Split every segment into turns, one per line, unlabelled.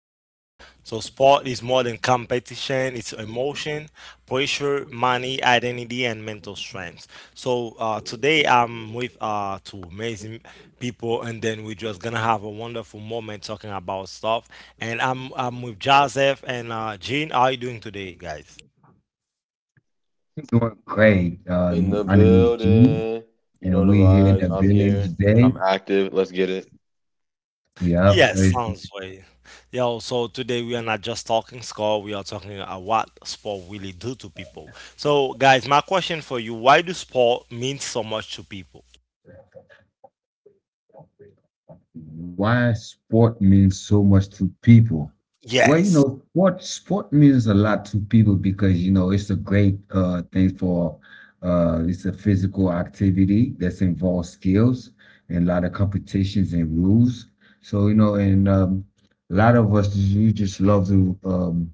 sport. So sport is more than competition; it's emotion, pressure, money, identity, and mental strength. Today I'm with two amazing people, and then we're just gonna have a wonderful moment talking about stuff. And I'm with Joseph and Jean. How are you doing today, guys?
Doing great.
In the
My name is G,
building. You
and
know the
we here in
vibes.
the
I'm
building
here.
today.
I'm active. Let's get it.
Yep.
Yes, sounds way. Yeah, so today we are not just talking score, we are talking about what sport really do to people. So guys, my question for you, why do sport mean so much to people?
Why sport means so much to people? Well, you
Yes.
know, sport means a lot to people because you know it's a great thing for it's a physical activity that's involves skills and a lot of competitions and rules. So you know, and a lot of us you just love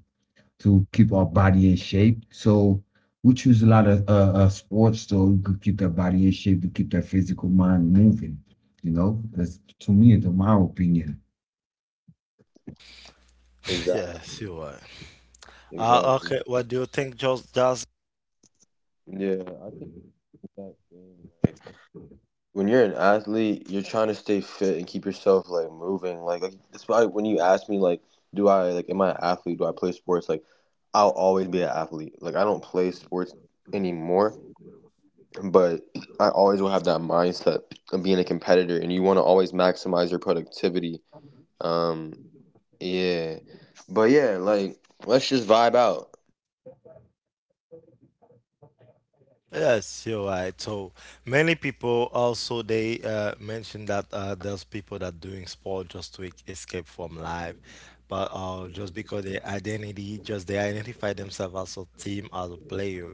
to keep our body in shape. So we choose a lot of sports so we could keep their body in shape, to keep their physical mind moving. You know, that's to me, to my opinion.
Exactly.
Yes, you are.
Exactly.
Okay, what do you think, Jos?
Yeah, I think that thing. When you're an athlete, you're trying to stay fit and keep yourself like moving. Like that's why when you ask me like, do I am I an athlete? Do I play sports? Like, I'll always be an athlete. Like I don't play sports anymore, but I always will have that mindset of being a competitor, and you want to always maximize your productivity. Um, Yeah. But yeah, like let's just vibe out.
Yes, you're right. So many people also they mentioned that there's people that doing sport just to escape from life, but just because their identity, just they identify themselves as a team, as a player,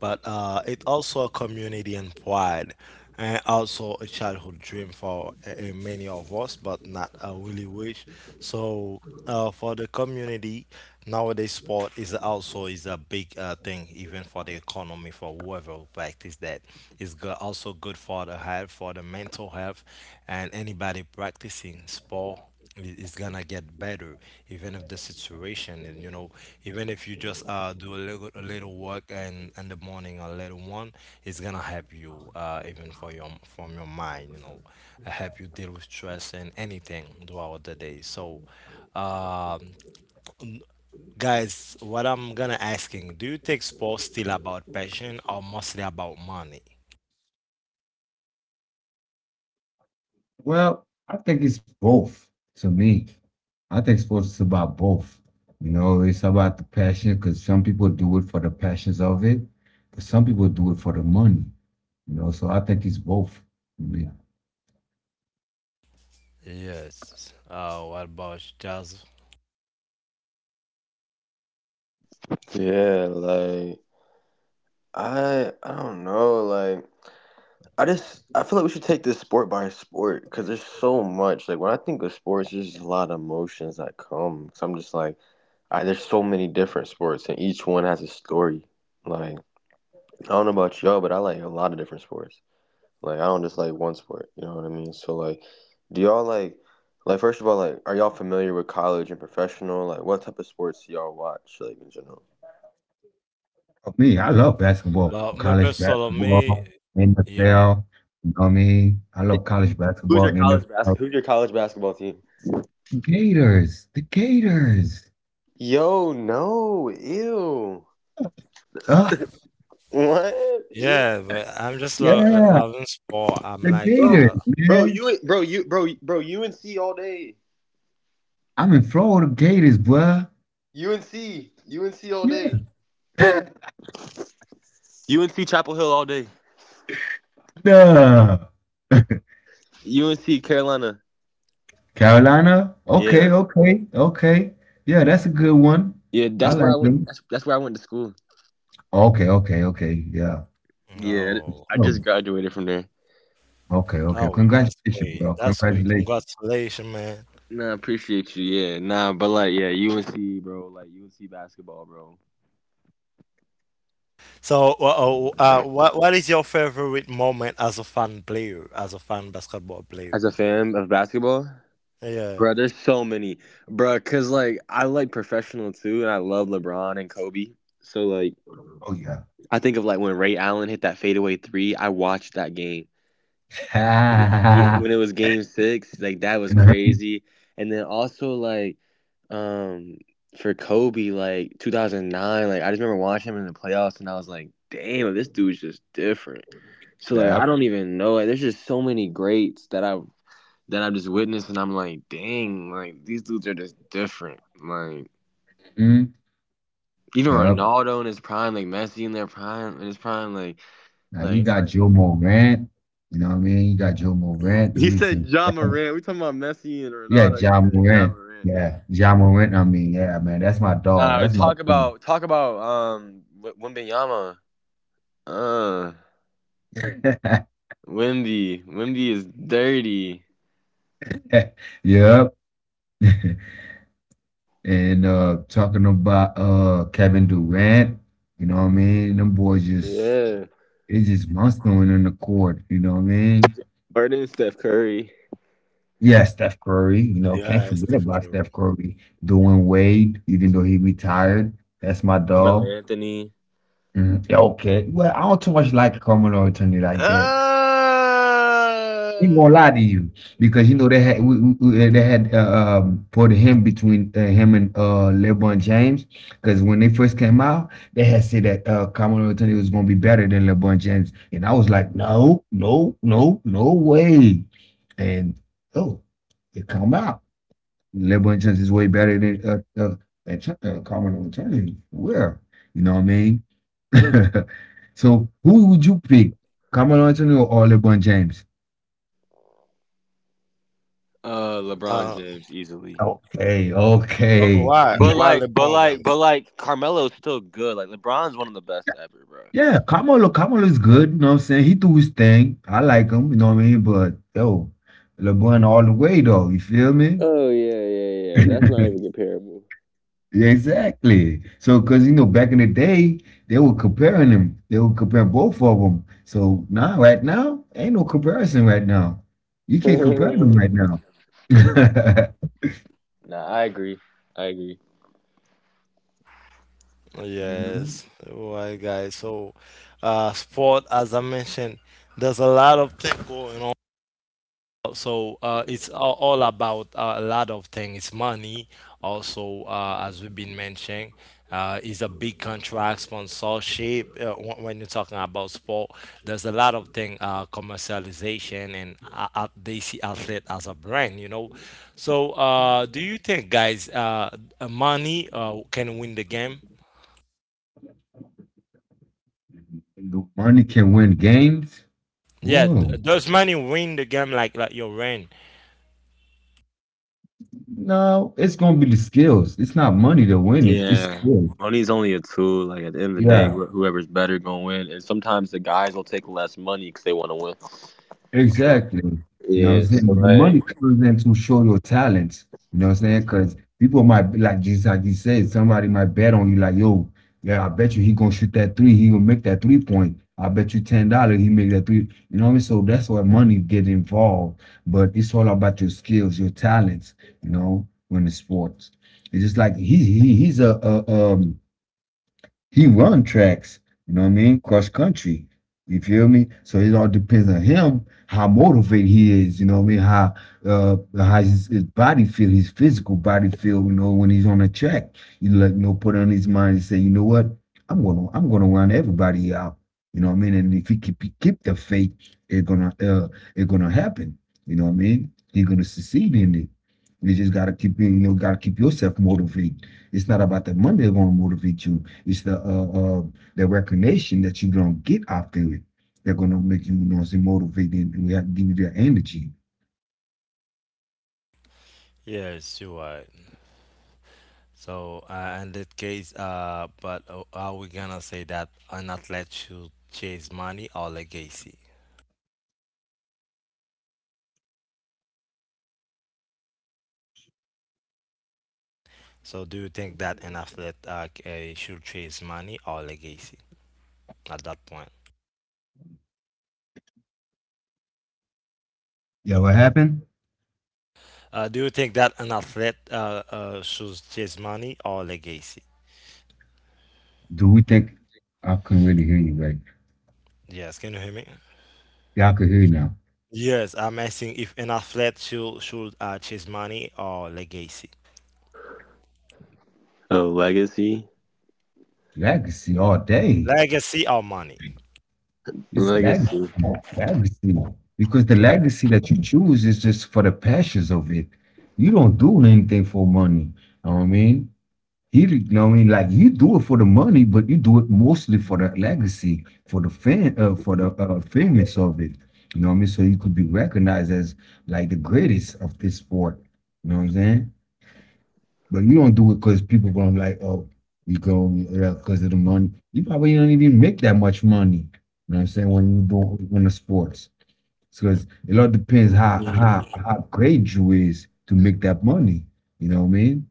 but it also a community and pride, and also a childhood dream for many of us, but not a really wish. So for the community nowadays sport is also is a big thing, even for the economy, for whoever will practice that is good, also good for the health, for the mental health, and anybody practicing sport is gonna get better, even if the situation, and you know, even if you just do a little work and in the morning a little one, it's gonna help you, even for your from your mind, you know, help you deal with stress and anything throughout the day. So um, n- guys, what I'm gonna asking, do you take sports still about passion or mostly about money?
Well, I think it's both. To me, I think sports is about both. You know, it's about the passion because some people do it for the passions of it, but some people do it for the money. You know, so I think it's both. Yeah.
Yes. What about you, Charles?
Yeah, like I don't know, like I just I feel like we should take this sport by sport because there's so much. Like when I think of sports, there's just a lot of emotions that come. So I'm just like, I, there's so many different sports and each one has a story. Like I don't know about y'all, but I like a lot of different sports. Like I don't just like one sport, you know what I mean? So like do y'all like first of all, like are y'all familiar with college and professional? Like what type of sports do y'all watch like in general?
Oh, me, I love basketball,
Well, my
college
personal
basketball,
me, yeah,
NFL. You know me, I love college
Who's
basketball,
your college basket?
NFL.
Who's your college basketball team?
Gators, the Gators.
Yo, no, ew.
Uh,
What? Ew.
yeah, but I'm just lo
yeah,
loving sport. I'm
the
like,
Bro,
Gators,
bro,
man.
you bro, you bro, bro, UNC all day.
I'm in Florida Gators, bruh.
UNC all
Yeah.
day. UNC Chapel Hill all day.
Nah.
UNC Carolina.
Carolina? Okay,
Yeah,
okay, okay. Yeah, that's a good one.
yeah.
I
That's where I
like
went.
them.
That's where I went to school.
Okay, okay, okay. Yeah.
Yeah,
oh,
I just
Oh,
graduated from there.
okay, okay.
oh, that's
Congratulations,
great,
bro.
that's great.
Congratulations.
Congratulations, man.
Nah, appreciate you. Yeah, nah, but like, yeah, UNC, bro. Like UNC basketball, bro.
So, what is your favorite moment as a fan player, as a fan basketball player?
As a fan of basketball,
Yeah,
bro, there's so many, bro. Cause like I like professional too, and I love LeBron and Kobe. So like,
Oh, yeah.
I think of like when Ray Allen hit that fadeaway three. I watched that game. Yeah, when it was game six, like that was
Uh-huh.
crazy. And then also like um for Kobe, like 2009, like I just remember watching him in the playoffs and I was like, damn, this dude's just different. So like I
Yep.
don't even know. Like, there's just so many greats that I've just witnessed and I'm like, dang, like these dudes are just different. Like
Mhm.
even
Yep.
Ronaldo in his prime, like Messi in their prime in his prime, like
Now
like
you
it's
got
like
Joe Morant. You know what I mean? You got Joe Morant.
He
He's
said John
incredible.
Morant. We talking about Messi and
Yeah,
Ronaldo. He
Ja
said John
Morant.
Morant.
Yeah, Ja Morant.
No.
I mean, yeah, man, that's my dog.
Nah,
That's my friend.
talk about Wembenyama. Uh, Wimby. Wimby is dirty.
Yep. And talking about Kevin Durant, you know what I mean? Them boys just
Yeah.
it's just monstering on the court, you know what I mean?
Harden, Steph Curry.
Yeah, Steph Curry, you know, can't
yes,
forget
of
about Steph Curry. Dwayne Wade, even though he retired, that's my
Carmelo
dog.
Anthony.
Mhm. Yeah, okay. Well, I don't too much like Carmelo Anthony like that.
Uh,
He ain't gonna lie to you because you know they had we- they had put him between him and LeBron James, because when they first came out they had said that Carmelo Anthony was gonna be better than LeBron James, and I was like no no no no way, and oh it come out Lebo is way better than Carmelo Anthony. Where? You know what I mean? So who would you pick? Carmelo Anthony or LeBron James?
uh, LeBron
Uh,
James easily.
Okay, okay.
Why?
But
Why
like, but
LeBron
like,
James?
but like, Carmelo's still good. Like LeBron's one of the best ever, bro.
Yeah, Carmelo is good, you know what I'm saying? He do his thing. I like him, you know what I mean? But yo, LeBron all the way though, you feel me?
Oh yeah, yeah, yeah. That's not even comparable.
Exactly. So, because you know, back in the day, they were comparing them. They would compare both of them. So now, right now, ain't no comparison. Right now, you can't compare
Nah,
them right now.
I agree. I agree.
Yes, right, guys. So, sport, as I mentioned, there's a lot of things going on. So it's all about a lot of things. Money, also, as we've been mentioning, is a big contract, sponsorship. When you're talking about sport, there's a lot of thing, commercialization, and they see athlete as a brand, you know. So, do you think, guys, money can win the game?
The money can win games.
Yeah,
Whoa.
does money win the game like your rent?
No, it's gonna be the skills. It's not money to win it. It's
Yeah,
skills.
money's only a tool. Like at the end of the day, whoever's better gonna win. And sometimes the guys will take less money because they want to win. So,
Exactly. You know what I'm
yeah, so
saying? The money
like
comes in to show your talents. You know what I'm saying? Because people might be like just like you said, somebody might bet on you like, yo, yeah, I bet you he gonna shoot that three, he gonna make that three point. I bet you $10 he make that three. You know what I mean? So that's where money get involved. But it's all about your skills, your talents, you know, when the sports. It's just like he he's a he run tracks, you know what I mean? Cross country. You feel me? So it all depends on him how motivated he is. You know what I mean? How how his body feel, his physical body feel. You know when he's on the track, you like you know put on his mind and say, you know what? I'm gonna run everybody out. You know what I mean? And if he keep the faith, it's gonna happen. You know what I mean? He's gonna succeed in it. You just gotta keep you know gotta keep yourself motivated. It's not about the money that's gonna motivate you. It's the recognition that you don't get out there. They're gonna make you, you know, say motivated and we have to give you that energy.
Yes, you are. So, in that case, but are we gonna say that an athlete should chase money or legacy? So, do you think that an athlete should chase money or legacy at that point?
Yeah, what happened?
Do you think that an athlete should chase money or legacy?
Do we think I couldn't really hear you right?
Yes, can you hear me?
Yeah, I could hear you now.
Yes, I'm asking if an athlete should chase money or legacy,
a legacy,
Yeah, I could see all day.
legacy or money.
It's legacy,
legacy.
legacy. Because the legacy that you choose is just for the passions of it. You don't do anything for money. Know what I mean? He, you know what I mean? Like you do it for the money, but you do it mostly for the legacy, for the fan, for the famous of it. You know what I mean? So you could be recognized as like the greatest of this sport. You know what I'm saying? But you don't do it because people going to like, oh, you go because of the money. You probably don't even make that much money. You know what I'm saying? When you do when the sports, because it all depends how how
Mhm.
how great you is to make that money. You know what I mean?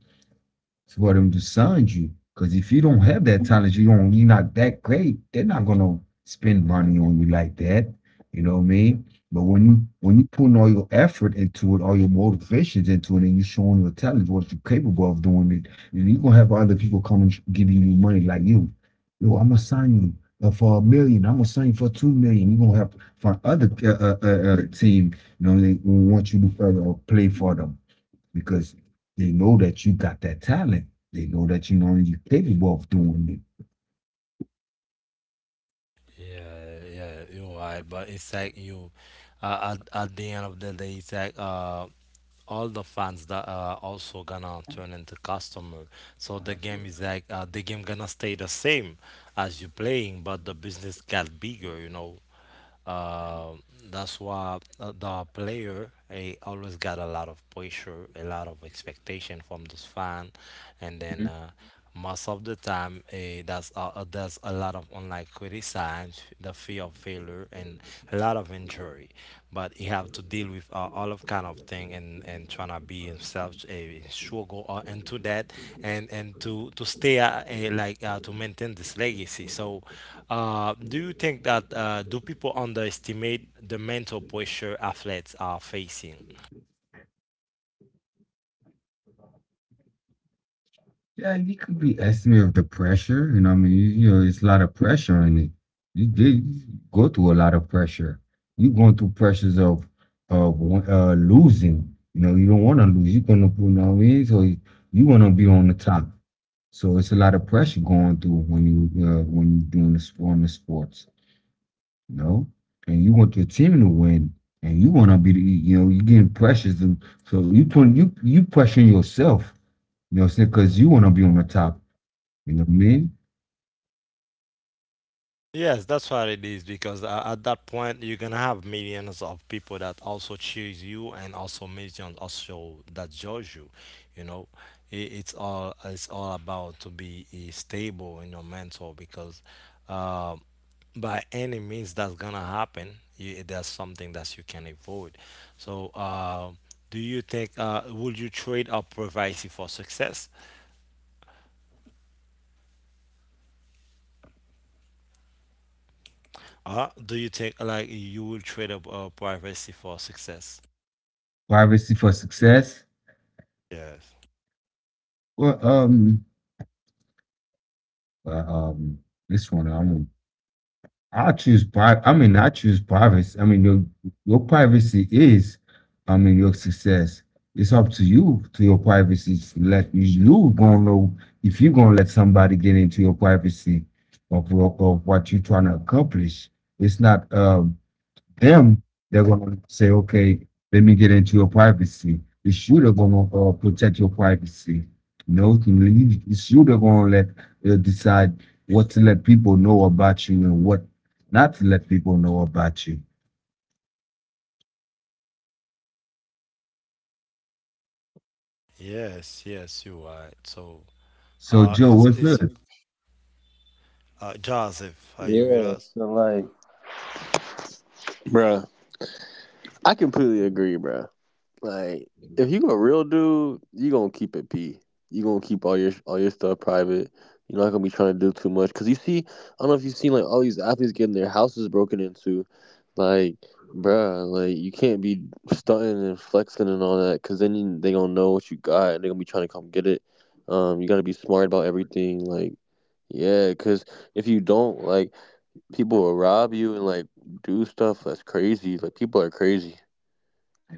For them to sign you. Because if you don't have that talent, you don't, you're not that great. They're not gonna spend money on you like that. You know what I mean? But when you putting all your effort into it, all your motivations into it, and you showing your talent, what you're capable of doing it, and you're gonna have other people coming giving you money like you. Yo, I'm gonna sign you. For a million, I'm gonna sign you for 2 million. You're gonna have to find other team, you know, they want you to play for them because they know that you got that talent. They know that you know you're capable of doing
Yeah, yeah, you're right. But it's like you, at the end of the day, it's like all the fans that are also gonna turn into customer. So the game is like, the game gonna stay the same as you playing, but the business got bigger. You know, uh, that's why the player he always got a lot of pressure, a lot of expectation from this fan, and then.
it.
Most of the time, there's there's a lot of unlikely signs, the fear of failure, and a lot of injury. But you have to deal with all of kind of thing, and trying to be himself a struggle into that, and to stay to maintain this legacy. So, do you think that do people underestimate the mental pressure athletes are facing?
Yeah, you could be estimate of the pressure. You know, what I mean, you know, it's a lot of pressure in it. You did go through a lot of pressure. You going through pressures of of losing. You know, you don't want to lose. You're gonna, put, you know what I mean. So you want to be on the top. So it's a lot of pressure going through when you are doing this on the sports, you know. And you want your team to win, and you want to be, the, you know, you getting pressures. To, so you put you pressuring yourself, you know, what I'm saying because you want to be on the top. You know what I mean?
Yes, that's what it is, because at that point you're gonna have millions of people that also choose you, and also millions also that judge you. You know, it's all about to be stable in your mental, because uh, by any means that's gonna happen. You, there's something that you can avoid. So, do you think would you trade up privacy for success? Do you think like you will trade up privacy for success?
Privacy for success.
Yes.
Well, uh, um, this one I don't I choose pri- I mean, I choose privacy. I mean, your privacy is, I mean, your success. It's up to you to your privacy. Let you gonna know if you gonna let somebody get into your privacy of, of what you're trying to accomplish. It's not. Them, they're gonna say, okay, let me get into your privacy. The shooter gonna protect your privacy. No, you know, the shooter gonna let decide what to let people know about you and what not to let people know about you.
Yes, yes, you're right. So,
So Joe,
it's So
what's
it's
good?
Joseph. Are you with
Yeah,
us?
so like bruh, I completely agree, bruh. Like, if you a real dude, you gonna keep it p. You gonna keep all your stuff private. You're not gonna be trying to do too much because you see, I don't know if you've seen like all these athletes getting their houses broken into. Like, bruh, like you can't be stunting and flexing and all that because then they gonna know what you got and they gonna be trying to come get it. You gotta be smart about everything. Like, yeah, because if you don't, like, people will rob you and like do stuff that's crazy. Like, people are crazy.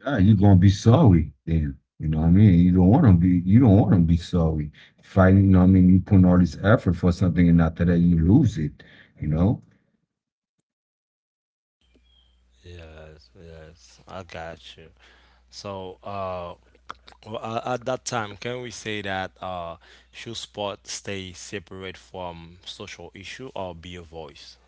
Ah, you gonna be sorry then. You know what I mean? You don't want to be. You don't want to be sorry. Fighting. You know what I mean? You putting all this effort for something, and after that you lose it. You know.
Yes, yes, I got you. So, well, at that time, can we say that should sport stay separate from social issue or be a voice?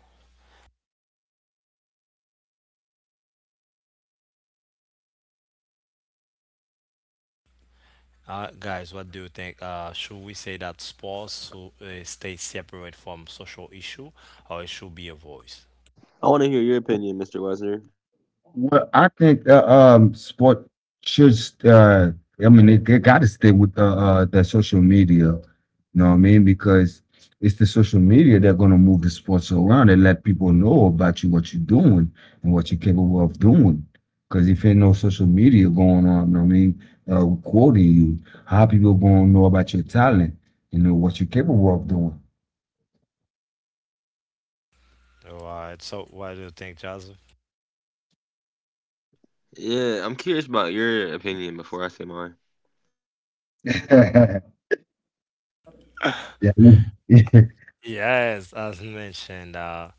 Guys, what do you think? Should we say that sports should, stay separate from social issue, or it should be a voice?
I want to hear your opinion, Mr. Wesner.
Well, I think sport should uh I mean it gotta stay with the social media, you know what I mean? Because it's the social media that's gonna move the sports around and let people know about you what you're doing and what you're capable of doing. Because if ain't no social media going on, you know what I mean, quoting you, how people gonna know about your talent, you know, what you're capable of doing.
All right. So, what do you think, Joseph?
Yeah, I'm curious about your opinion before I say mine.
Yeah. Yeah,
Yes, as mentioned,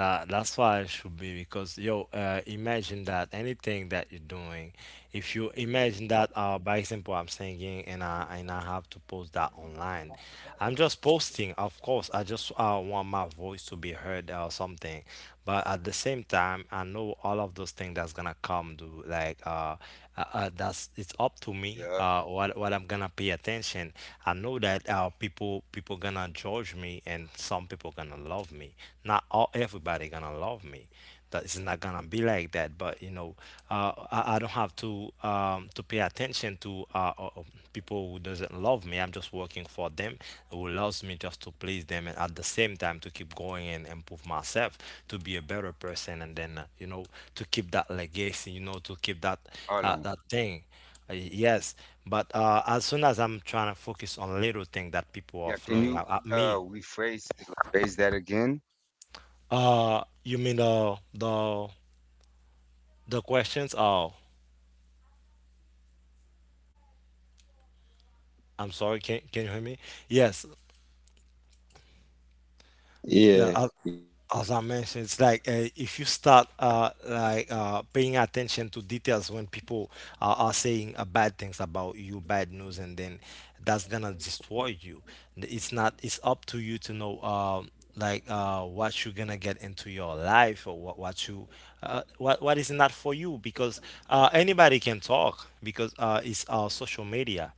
that that's why it should be, because yo, imagine that anything that you're doing, if you imagine that by example, I'm singing, and I have to post that online, I'm just posting. Of course, I just want my voice to be heard or something, but at the same time I know all of those things that's gonna come to, like, that's, it's up to me
yeah,
what I'm gonna pay attention. I know that people gonna judge me and some people gonna love me, not all, everybody gonna love me, that it's not gonna be like that. But you know, I don't have to pay attention to people who doesn't love me. I'm just working for them who loves me, just to please them, and at the same time to keep going and improve myself to be a better person, and then you know, to keep that legacy. You know, to keep that
I know.
that thing. Uh, yes, but as soon as I'm trying to focus on little thing that people
Yeah,
are
can you
throwing out at
uh
me,
rephrase rephrase that again?
you mean the the questions? Oh, I'm sorry, can you hear me? Yes, yeah.
Yeah,
I, as I mentioned, it's like, if you start paying attention to details when people are saying bad things about you, bad news, and then that's gonna destroy you. It's not. It's up to you to know, what you're gonna get into your life, or what you what is not for you, because anybody can talk, because it's our social media.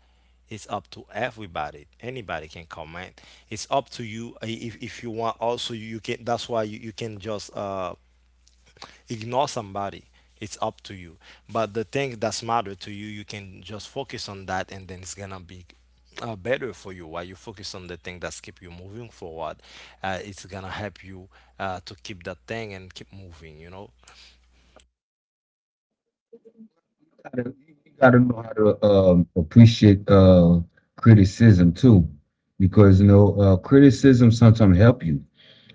It's up to everybody, anybody can comment, it's up to you. I- if you want also, you can. That's why you, you can just ignore somebody. It's up to you, but the thing that's matter to you, you can just focus on that, and then it's gonna be better for you. While you focus on the thing that's keep you moving forward, it's gonna help you to keep that thing and keep moving, you know.
gotta- you gotta know how to appreciate criticism too, because you know criticism sometimes help you.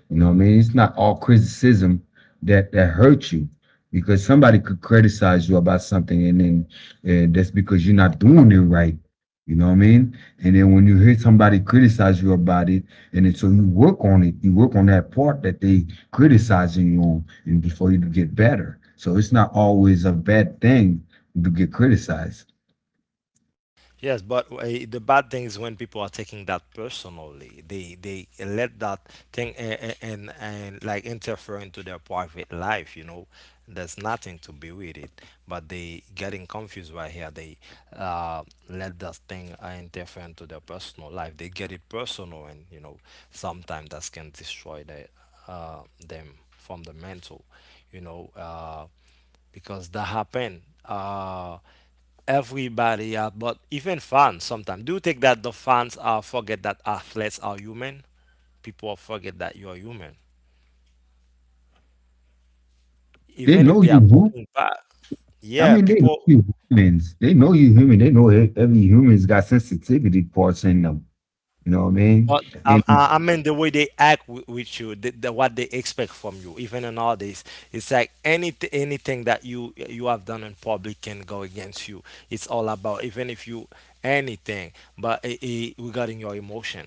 You know what I mean? It's not all criticism that hurts you because somebody could criticize you about something, and then that's because you're not doing it right. You know what I mean? And then when you hear somebody criticize you about it, and then so you work on it, you work on that part that they criticizing you on, and before you get better. So it's not always a bad thing to get criticized.
Yes, but the bad thing is when people are taking that personally. They let that thing and like interfere into their private life. You know, there's nothing to be with it. But they getting confused right here. They uh, Let that thing interfere into their personal life. They get it personal, and you know, sometimes that can destroy the, them from the mental. You know, because that happened. Everybody but even fans sometimes, do you think that the fans are forget that athletes are human, people forget that you are human,
They
even if
know
they
you
are
hu-
fucking bad,
I
yeah
mean, they know
people?
you humans. They know you human. They know every human's got sensitivity parts in them. You know what I mean?
But
And
I mean the way they act with you, the, what they expect from you, even in all this, it's like anything that you have done in public can go against you. It's all about, even if you anything, but I regarding your emotion.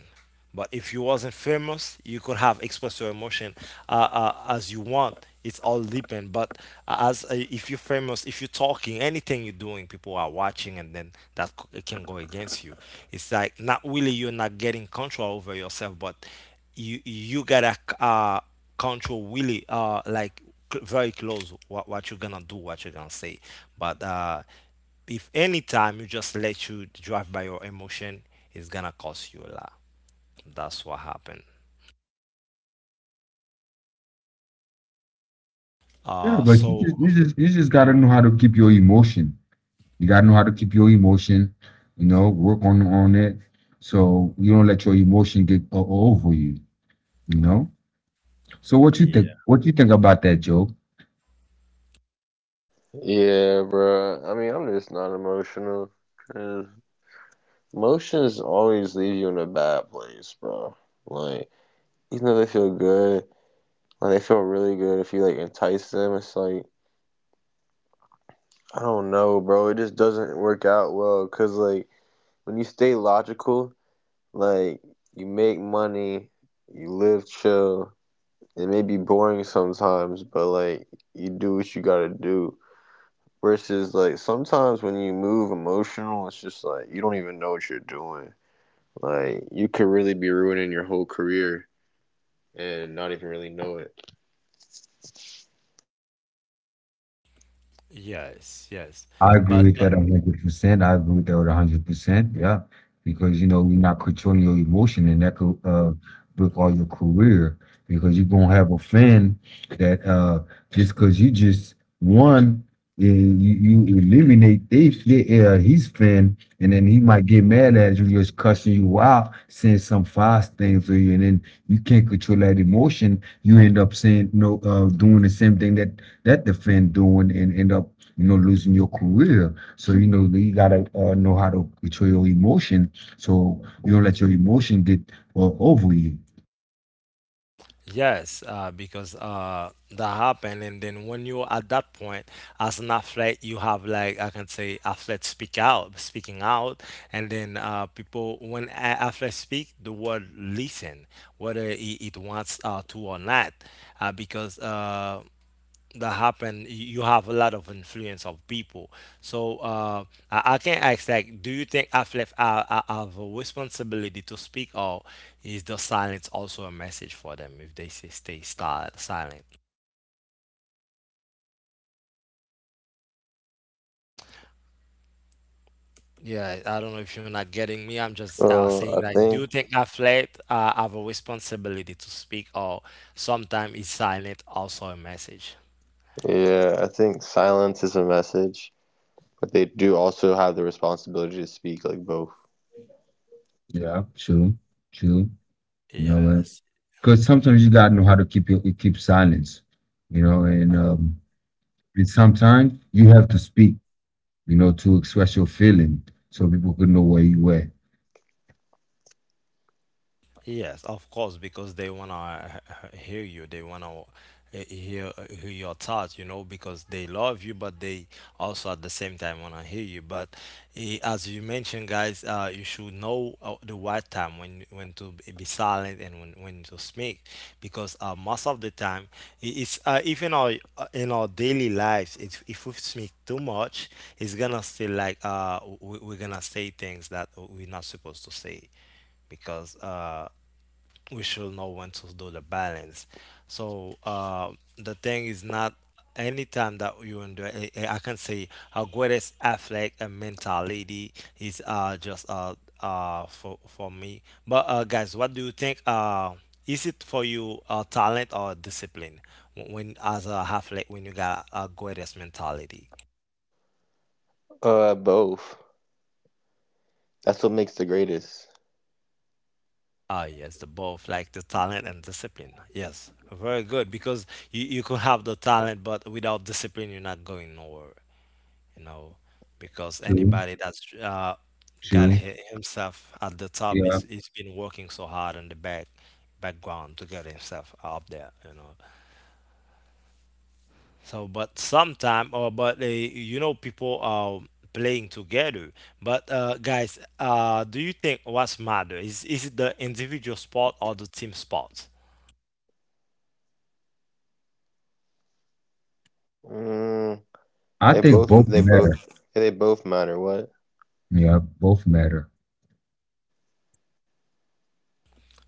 But if you wasn't famous, you could have expressed your emotion as you want. It's all depend, but as if you're famous, if you're talking anything you're doing, people are watching, and then that it can go against you. It's like not really, you're not getting control over yourself, but you gotta control really, very close, what you're gonna do, what you're gonna say. But if any time you just let you drive by your emotion, it's gonna cost you a lot. That's what happened,
yeah, but you
so.
just you just you just gotta know how to keep your emotion. You gotta know how to keep your emotion. You know, work on it so you don't let your emotion get over you. You know. So what you think? What you think about that, Joe?
yeah, bro. I mean, I'm just not emotional, 'cause emotions always leave you in a bad place, bro. Like, even though they feel good, like they feel really good if you like entice them. It's like I don't know, bro. It just doesn't work out well. Cause like when you stay logical, like you make money, you live chill. It may be boring sometimes, but like you do what you gotta do. Versus like sometimes when you move emotional, it's just like you don't even know what you're doing. Like you could really be ruining your whole career and not even really know it.
Yes, yes.
I agree
But
with that 100%. I agree with that with 100%. Yeah, because you know you're not controlling your emotion, and that could break all your career because you're gonna have a fan that just because you just won, you, you eliminate they his fan, and then he might get mad at you, just cussing you out, saying some fast things to you, and then you can't control that emotion. You end up saying no, doing the same thing that the fan doing, and end up you know, losing your career. So, you know, you gotta know how to control your emotion so you don't let your emotion get over you.
yes, because that happened, and then when you're at that point, as an athlete, you have like, I can say athlete speak out, speaking out, and then people when athletes speak, the world listen, whether it wants to or not, because. That happen you have a lot of influence of people. So I can ask, like, do you think athletes have a responsibility to speak, or is the silence also a message for them if they say stay silent? Yeah, I don't know if you're not getting me. I'm just
Uh,
saying,
I
like, do you
think
think athletes have a responsibility to speak, or sometimes is silent also a message?
yeah, I think silence is a message, but they do also have the responsibility to speak like both.
Yeah, true, true. You know,
Yes.
because sometimes you gotta know how to keep silence. You know, and and sometimes you have to speak. You know, to express your feeling so people can know where you were.
Yes, of course, because they wanna hear you. They wanna hear hear your thoughts, you know, because they love you, but they also at the same time wanna hear you. But as you mentioned, guys, you should know the right time when to be silent and when to speak, because most of the time it's even our in our daily lives, if we speak too much, it's gonna still like we're gonna say things that we're not supposed to say, because we should know when to do the balance. So the thing is not anytime that you enjoy. I can say our greatest athlete and mentality is just for me. But guys, what do you think? Is it for you, talent or discipline, when, as a athlete, when you got a greatest mentality?
Both. That's what makes the greatest.
Ah, yes, the both, like the talent and discipline. Yes, very good, because you could have the talent, but without discipline, you're not going nowhere, you know, because
True,
anybody that's got
true.
himself at the top
Yeah,
is been working so hard in the background to get himself up there, you know. So, but sometime, or but they, you know, people are playing together. But guys, do you think what's matter is it the individual sport or the team sport?
Mm,
I
they
think
both.
both
They
matter.
both. They both matter. What?
Yeah, both matter.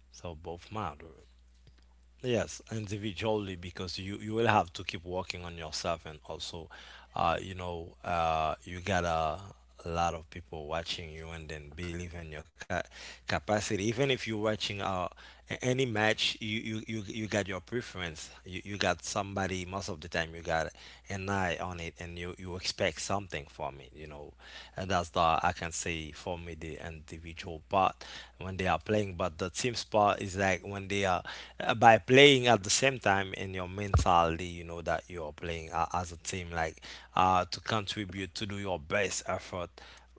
So both matter. Yes, individually, because you will have to keep working on yourself, and also, you know, you got a lot of people watching you, and then believe in your capacity. Even if you're watching any match, you got your preference. You got somebody. Most of the time, you got an eye on it, and you expect something from it, you know, and that's the I can say, for me, the individual part when they are playing. But the team part is like when they are by playing at the same time in your mentality, you know that you're playing as a team, like to contribute, to do your best effort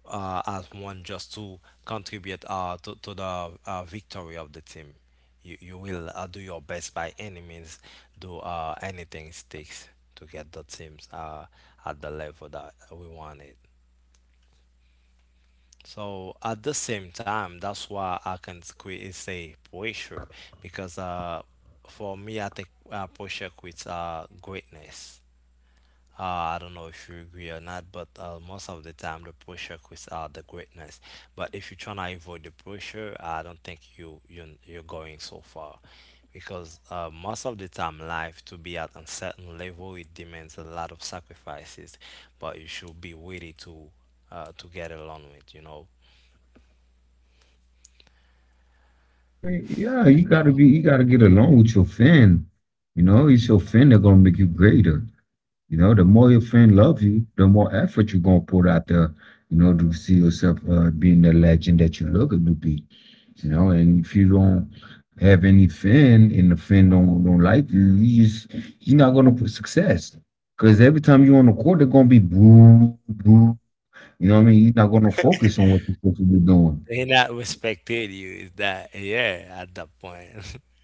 as one, just to contribute to the victory of the team. You will do your best by any means, do anything it takes to get the teams at the level that we want it. So at the same time, that's why I can quit say pressure, because for me, I think pressure quits greatness. I don't know if you agree or not, but most of the time the pressure creates the greatness. But if you're trying to avoid the pressure, I don't think you're going so far, because most of the time, life, to be at a certain level, it demands a lot of sacrifices, but you should be ready to get along with. You know,
Mean, yeah, you gotta be, you gotta get along with your fan. You know, it's your fan that gonna make you greater. You know, the more your fan love you, the more effort you're gonna put out there. You know, to see yourself being the legend that you're looking to be. You know, and if you don't have any fan and the fan don't like you just you're not gonna put success. Cause every time you're on the court, they're gonna be boo, boo. You know what I mean? You're not gonna focus on what you're supposed to be doing.
they not respected you. Is that, yeah? At that point.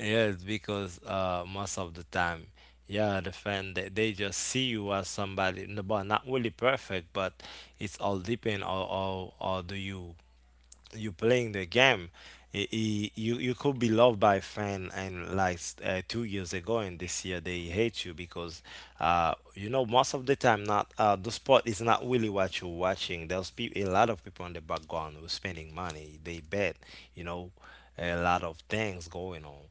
Yes, because most of the time, yeah, the fan, they just see you as somebody, no, but not really perfect, but it's all depend on, or do you, you playing the game. You you could be loved by fan and like 2 years ago and this year they hate you, because you know, most of the time, not the sport is not really what you're watching. There's a lot of people in the background who's spending money. They bet, you know, a lot of things going on.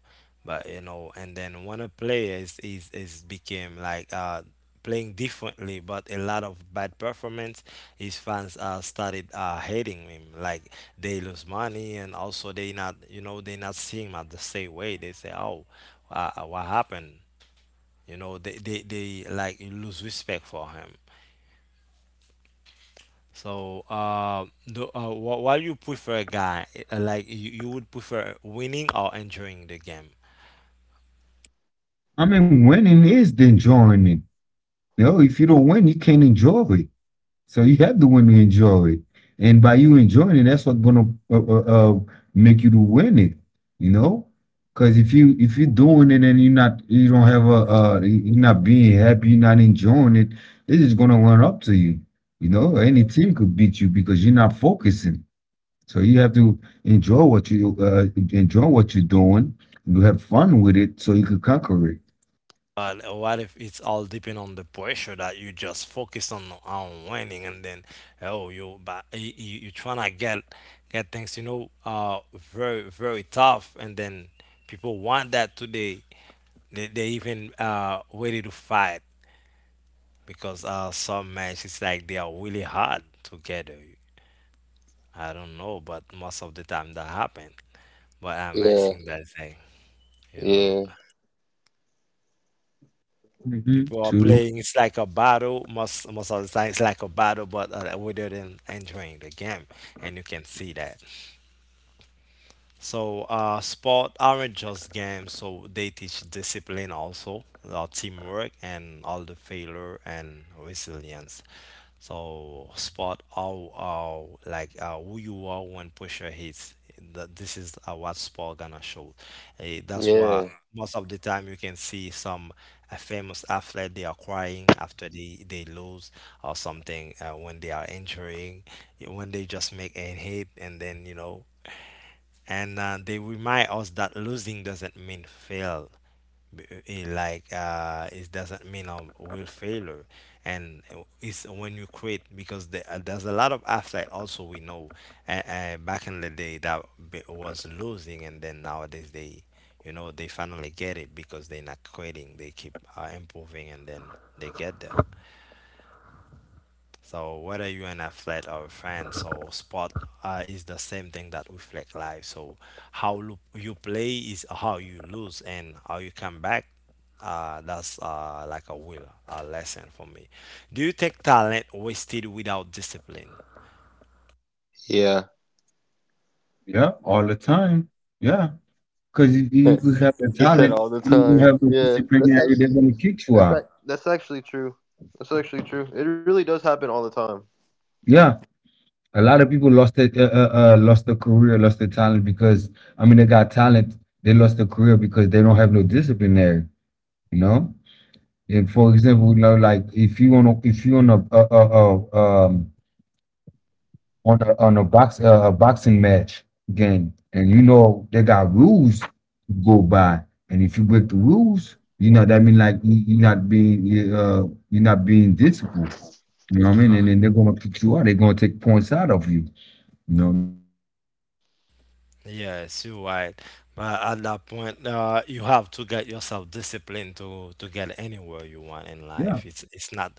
But you know, and then when a player is became like playing differently, but a lot of bad performance, his fans started hating him, like, they lose money, and also they not, you know, they not seeing him at the same way. They say, oh, what happened, you know, they like you lose respect for him. So while you prefer a guy, like, you would prefer winning or enjoying the game?
I mean, winning is the enjoyment. No, if you don't win, you can't enjoy it. So you have to win to enjoy it. And by you enjoying it, that's what's gonna uh, uh, uh, make you to win it. You know, because if you're doing it and you're not, you don't have a, you're not being happy, you're not enjoying it. This is gonna run up to you. You know, any team could beat you because you're not focusing. So you have to enjoy what you enjoy what you're doing. You have fun with it, so you can conquer it.
But what if it's all depend on the pressure that you just focus on winning, and then, oh, you, but you tryna get things, you know, very, very tough, and then people want that today. They even ready to fight, because some matches, it's like they are really hard together. I don't know, but most of the time that happen. But I'm
Yeah.
asking that thing, you know.
Yeah.
Hmm.
People are
True.
playing. It's like a battle. Most of the time, it's like a battle, but rather than enjoying the game, and you can see that. So, sport aren't just games, so they teach discipline also, teamwork and all the failure and resilience. So, sport, how like who you are when pressure hits. This is what sport gonna show. Eh, that's why
Yeah.
most of the time you can see some a famous athlete, they are crying after they lose, or something, when they are injuring, when they just make a hit, and then, you know, and they remind us that losing doesn't mean fail. Like, it doesn't mean will failure, and it's when you quit, because the, there's a lot of athlete also we know, back in the day, that was losing, and then nowadays, they, you know, they finally get it, because they're not quitting, they keep improving, and then they get there. So, whether you are in a flat or a friends or sport, is the same thing that reflect life. So, you play is how you lose and how you come back. That's like a will, a lesson for me. Do you take talent wasted without discipline?
Yeah.
Yeah, all the time. Yeah. 'Cause if you have the
He said
talent,
all the
you
time.
have the
Yeah. That's
disciplinary,
actually
they're gonna kick you
That's that.
out.
That's actually true. That's actually true. It really does happen all the time.
Yeah, a lot of people lost their career, lost their talent because I mean, they got talent, they lost their career because they don't have no disciplinary, you know? And for example, you know, like, if you wanna, on a box a boxing match game, and you know they got rules to go by, and if you break the rules, you know that mean like you, you're not being disciplined. You know what I mean? And then they're gonna kick you out. They're gonna take points out of you. You know?
Yes, you're right. But at that point, you have to get yourself disciplined to get anywhere you want in life.
Yeah.
It's not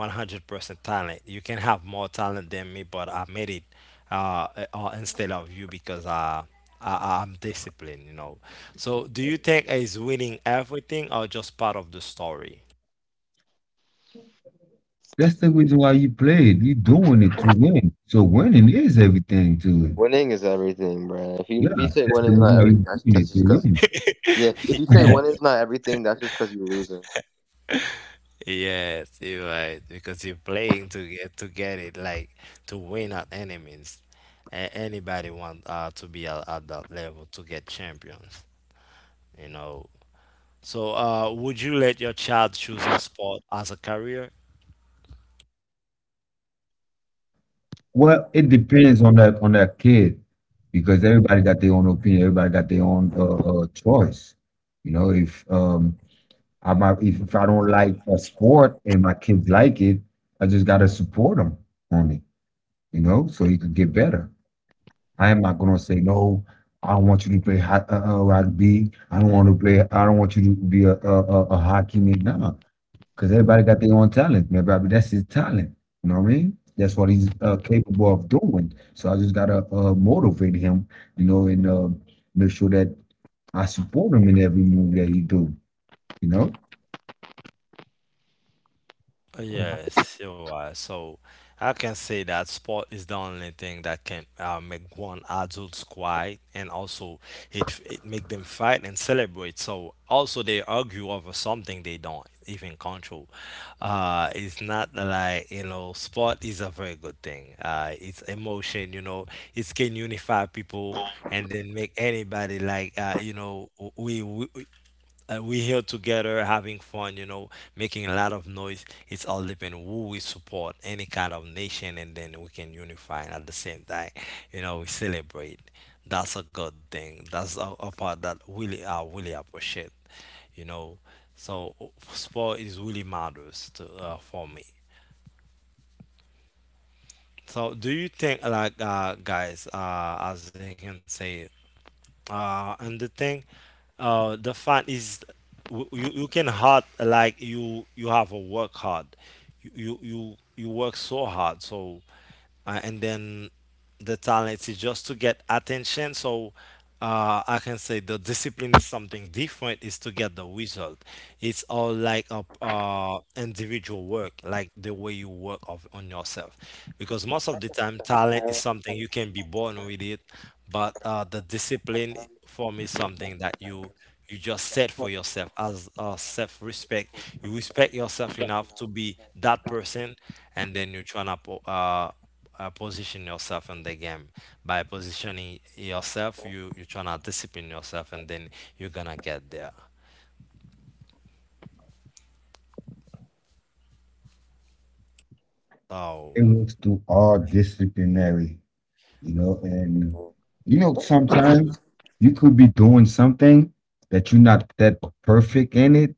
100% talent. You can have more talent than me, but I made it uh, instead of you, because I'm disciplined, you know. So, do you think is winning everything, or just part of the story?
That's the reason why you play. You're doing it to win. So winning is everything to it.
Winning is everything, bro. If you
Yeah.
if you say
That's
winning
the
is not
reason why you're
everything,
doing
that's
it to
just because
win.
yeah. If you say winning is not everything, that's just because you're losing.
Yes, you're right. Because you're playing to get, to get it, like, to win at any means. Anybody want to be at that level, to get champions, you know. So, would you let your child choose a sport as a career?
Well, it depends on that kid because everybody got their own opinion. Everybody got their own choice. You know, if I don't like a sport and my kids like it, I just gotta support them on it. You know, so you can get better. I am not gonna say no. I don't want you to play hot, rugby. I don't want to play. I don't want you to be a hockey man. Nah, because everybody got their own talent. Man, Bobby, that's his talent. You know what I mean? That's what he's capable of doing. So I just gotta motivate him, you know, and make sure that I support him in every move that he do. You know,
Yes, you are. So, I can say that sport is the only thing that can make one adult quiet, and also it make them fight and celebrate. So also they argue over something they don't even control. It's not like, you know, sport is a very good thing. It's emotion. You know, it can unify people, and then make anybody like, you know, we, we we here together having fun, you know, making a lot of noise. It's all depend who we support, any kind of nation, and then we can unify and at the same time. You know, we celebrate. That's a good thing. That's a part that really I really appreciate. You know, so sport is really matters to for me. So do you think like, guys, as I can say, and the thing, the fact is, you, you can hard, like, you have a work hard. You work so hard, so and then the talent is just to get attention. So I can say the discipline is something different, is to get the result. It's all like a individual work, like the way you work of on yourself, because most of the time talent is something you can be born with it, but the discipline for me is something that you just set for yourself, as self-respect. You respect yourself enough to be that person, and then you try to position yourself in the game. By positioning yourself, you trying to discipline yourself, and then you're gonna get there. Oh,
it works through all disciplinary. You know, and you know sometimes you could be doing something that you're not that perfect in it,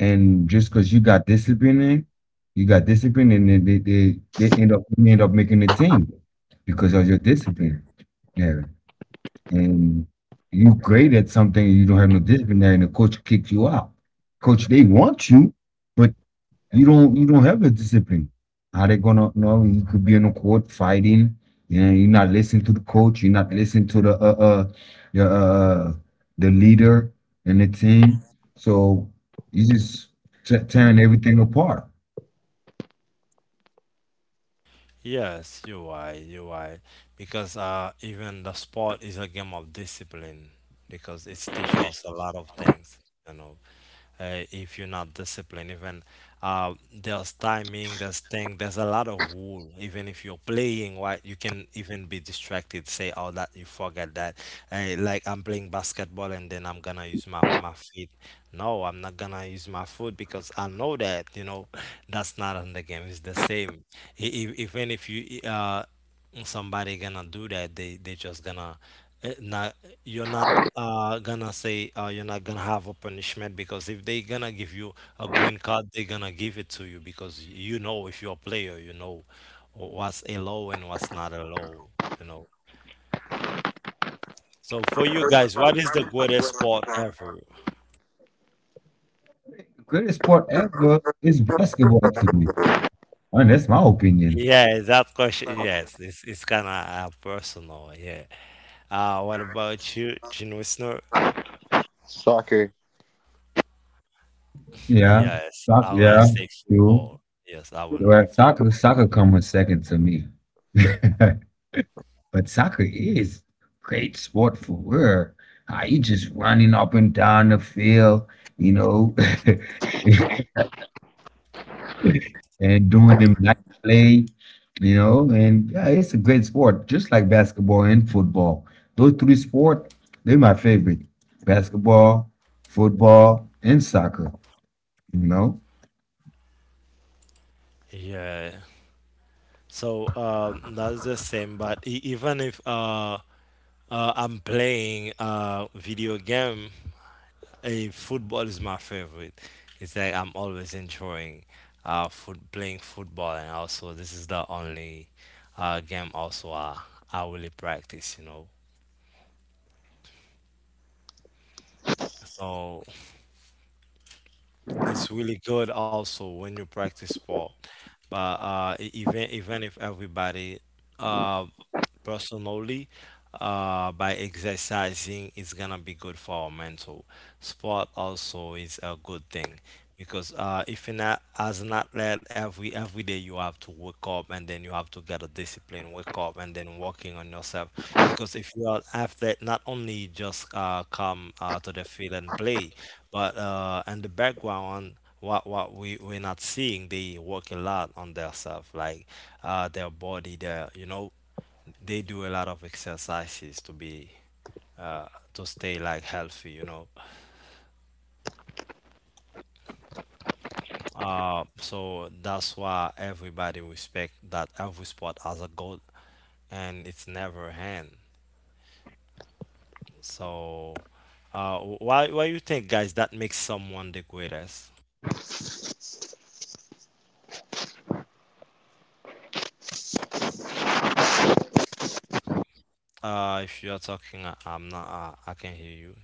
and just because you got discipline in, you got discipline, and then they end up you end up making the team because of your discipline. Yeah, and you great at something, you don't have no discipline, there, and the coach kicks you out. Coach, they want you, but you don't have the discipline. How they gonna know you could be in the court fighting and you're not listening to the coach, you're not listening to the your the leader and the team. So you just tearing everything apart.
yes, you're right, you're right. Because even the sport is a game of discipline, because it teaches us a lot of things, you know. If you're not disciplined. Even there's timing, there's thing, there's a lot of rule. Even if you're playing, right, you can even be distracted. Say, oh, that you forget that. Like I'm playing basketball and then I'm gonna use my feet. No, I'm not gonna use my foot because I know that you know that's not on the game. It's the same. Even if you somebody gonna do that they just gonna not you're not gonna say you're not gonna have a punishment because if they gonna give you a green card they gonna give it to you because you know if you're a player you know what's a allowed and what's not a allowed, you know. So for you guys, what is the greatest sport ever?
The greatest sport ever is basketball to me. I mean, that's my opinion.
Yeah, that question, yes, it's kind of personal, yeah. What about you, Gene Wisner?
Soccer.
Yeah,
Yes,
soccer,
I would have
yeah,
say
true.
football. Yes, I would
Well,
love
soccer,
football.
soccer comes second to me. But soccer is a great sport for real. Are you just running up and down the field, you know, and doing them nice play, you know, and yeah, it's a great sport, just like basketball and football. Those three sports, they're my favorite. Basketball, football, and soccer, you know.
Yeah. So that's the same. But even if I'm playing a video game, a football is my favorite. It's like I'm always enjoying foot playing football, and also this is the only game also I really practice. You know. So it's really good also when you practice sport, but even if everybody uh, personally by exercising is gonna be good for our mental. Sport also is a good thing because if you're not as an athlete, every day you have to wake up and then you have to get a discipline wake up and then working on yourself, because if you're an athlete, not only just come to the field and play, but in the background what we we're not seeing, they work a lot on their self, like their body, their, you know, they do a lot of exercises to be uh, to stay like healthy, you know. So that's why everybody respect that every sport has a goal, and it's never end. So why you think, guys, that makes someone the greatest? If you're talking, I'm not. I can hear you.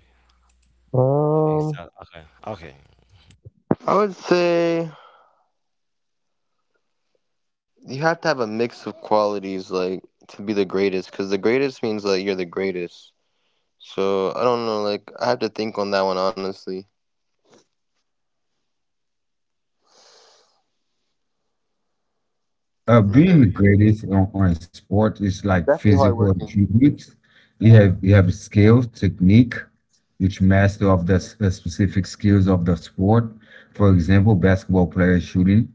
Is
Um,
that okay? Okay.
I would say you have to have a mix of qualities, like to be the greatest, because the greatest means like you're the greatest. So I don't know. Like I have to think on that one honestly. Like,
Being graded on a sport is like
definitely
physical
hardworking.
attributes. You have skills, technique, which master of the the specific skills of the sport. For example, basketball player shooting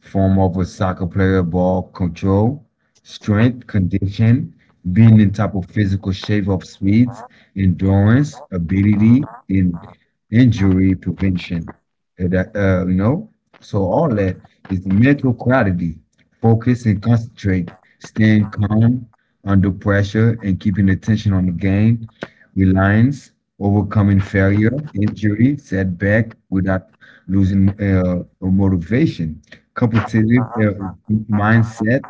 form of a soccer player, ball control, strength, condition, being in type of physical shape of speed, endurance, ability, and injury prevention. You know, so all that is mental clarity, focus and concentrate, staying calm under pressure and keeping attention on the game, reliance, overcoming failure, injury, setback without losing motivation competitive mindset.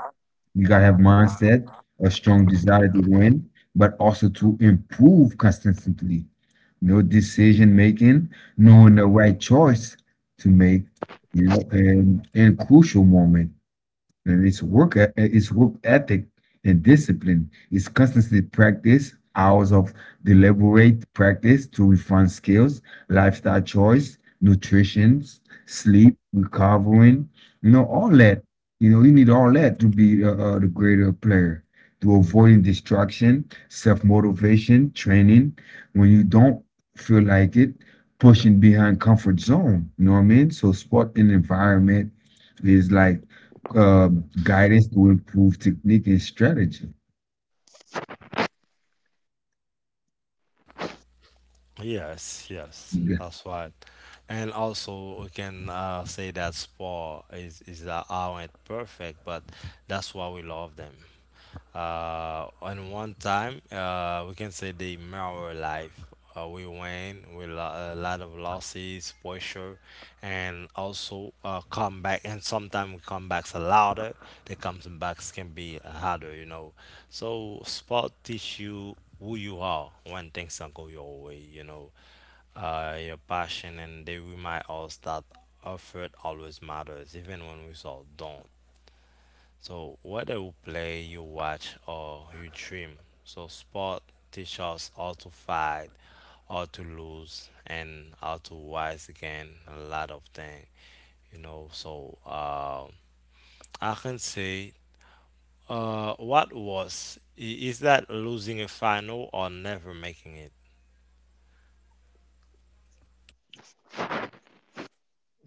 You gotta have mindset, a strong desire to win, but also to improve constantly. No decision making, knowing the right choice to make, you know, in crucial moment and its work ethic and discipline. It's constantly practice hours of deliberate practice to refine skills, lifestyle choice, nutrition, sleep recovering, you know, all that. You know you need all that to be the greater player, to avoiding distraction, self-motivation, training when you don't feel like it, pushing behind comfort zone. You know what I mean? So sport and environment is like uh, guidance to improve technique and strategy.
Yes, yes,
Yeah.
that's right. And also, we can say that sport is aren't perfect, but that's why we love them. And one time, we can say they mirror life. We win with a lot of losses, pressure, and also come back. And sometimes comebacks are louder. The comebacks can be harder, you know. So sport teach you who you are when things don't go your way, you know. Your passion, and they remind us that effort always matters, even when results don't. So whether you play, you watch, or you dream, so sport teaches us how to fight, how to lose, and how to rise again. A lot of things, you know. So I can say, what is that losing a final or never making it?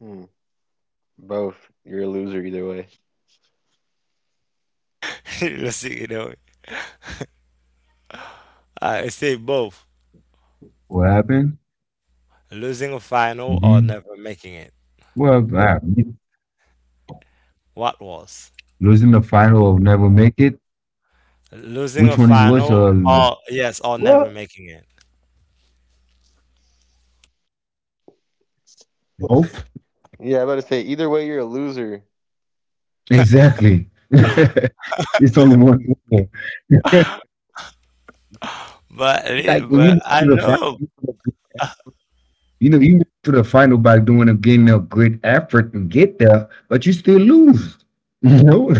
Mm, both. You're a loser either way.
Losing, you know, I say both,
What happened?
losing a final or
Hmm.
never making it.
Well,
What was
losing the final or never make it.
losing a
Which one is worse?
final or yes or never
Well,
making it?
both.
Yeah, I about to say either way you're a loser.
Exactly. It's only one way.
But
Like
it-
when you
but
make it
I
to the
know,
final, you know, you make it to the final by doing a getting a great effort and get there, but you still lose. You know.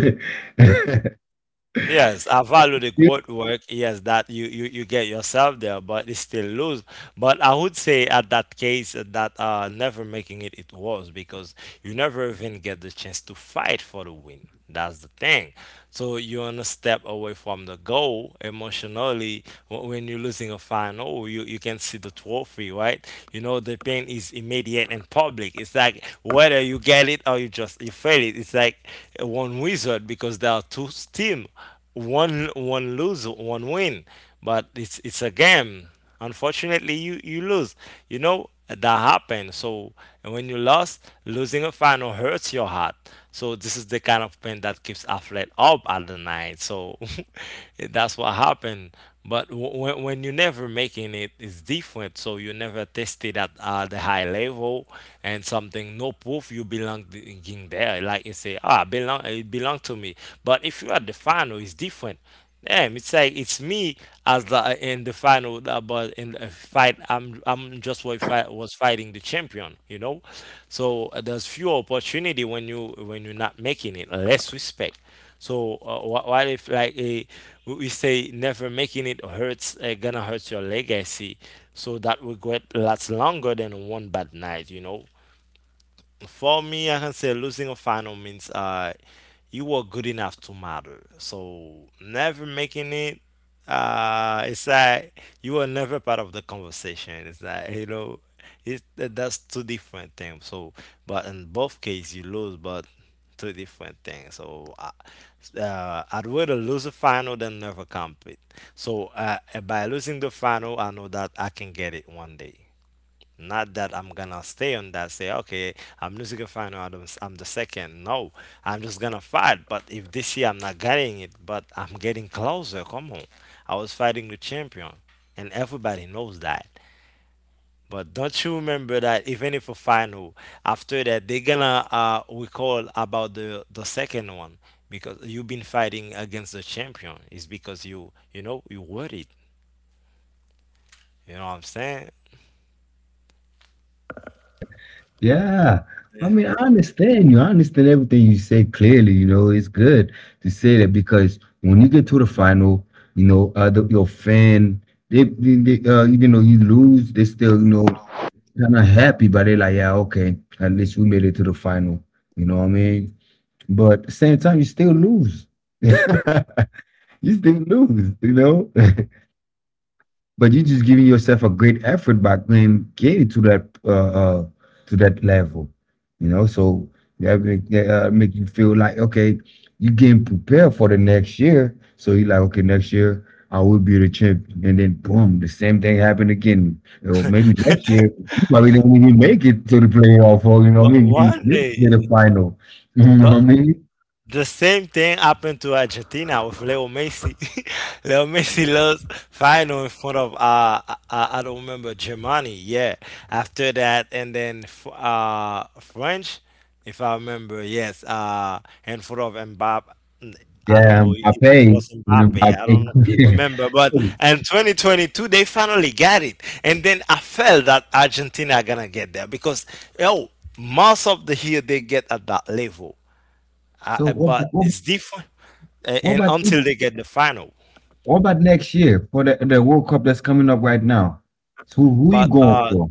yes, I value the good work. Yes, that you get yourself there, but it's still lose. But I would say at that case that never making it it was because you never even get the chance to fight for the win. That's the thing. So you're on a step away from the goal emotionally. When you're losing a final, you can see the trophy, right? You know, the pain is immediate and public. It's like whether you get it or you fail it. It's like one wizard because there are two team, one lose, one win. But it's a game, unfortunately you you lose, you know, that happened. So and when you lost, losing a final hurts your heart, so this is the kind of pain that keeps athlete up at the night, so that's what happened. But when you never making it, it's different. So you never tested at the high level, and something no proof you belong in there, like you say, ah belong it belong to me. But if you are the final, it's different. Damn, it's like it's me as the in the final, but in the fight, I'm just what fight was fighting the champion, you know. So there's few opportunity when you're not making it, less respect. So what if like a, we say never making it hurts, gonna hurt your legacy, so that regret lasts longer than one bad night, you know. For me, I can say losing a final means you were good enough to matter. So never making it, it's like you were never part of the conversation. It's like, you know, it's that's two different things. So, but in both cases, you lose, but two different things. So, I'd rather lose a final than never compete. So, by losing the final, I know that I can get it one day. Not that I'm gonna stay on that, say, okay, I'm losing a final, I'm the second. No, I'm just gonna fight. But if this year I'm not getting it, but I'm getting closer, come on. I was fighting the champion, and everybody knows that. But don't you remember that even if a final, after that they're gonna recall about the second one because you've been fighting against the champion. It's because you know you worried. You know what I'm saying?
Yeah.
Yeah.
I mean, I understand you. I understand everything you say clearly. You know, it's good to say that because when you get to the final, you know, your fan, even though you lose, they still, you know, kind of happy, but they're like, yeah, okay, at least we made it to the final. You know what I mean? But at the same time, you still lose. You still lose, you know? But you are just giving yourself a great effort by playing getting to that level, you know. So that make you feel like, okay, you are getting prepared for the next year, so you are like, okay, next year I will be the champion, and then boom, the same thing happened again. Or maybe next year you probably didn't even make it to the playoff, or you know what
But
I mean, you
one
didn't get
day,
the final. You know what I
but
mean?
the same thing happened to Argentina with Leo Messi. Leo Messi lost final in front of I don't remember, Germany. Yeah, after that and then French, if I remember, yes. In front of Mbappe. I don't
Yeah
know if
I
it
paid
was
you know
Mbappe.
I
I
paid
don't know, remember, but in 2022 they finally got it, and then I felt that Argentina are gonna get there because yo most of the year they get at that level,
So what,
but
what,
it's different,
what
and
about
until they get the final.
What about next year for the World Cup that's coming up right now? So who you
But
going for?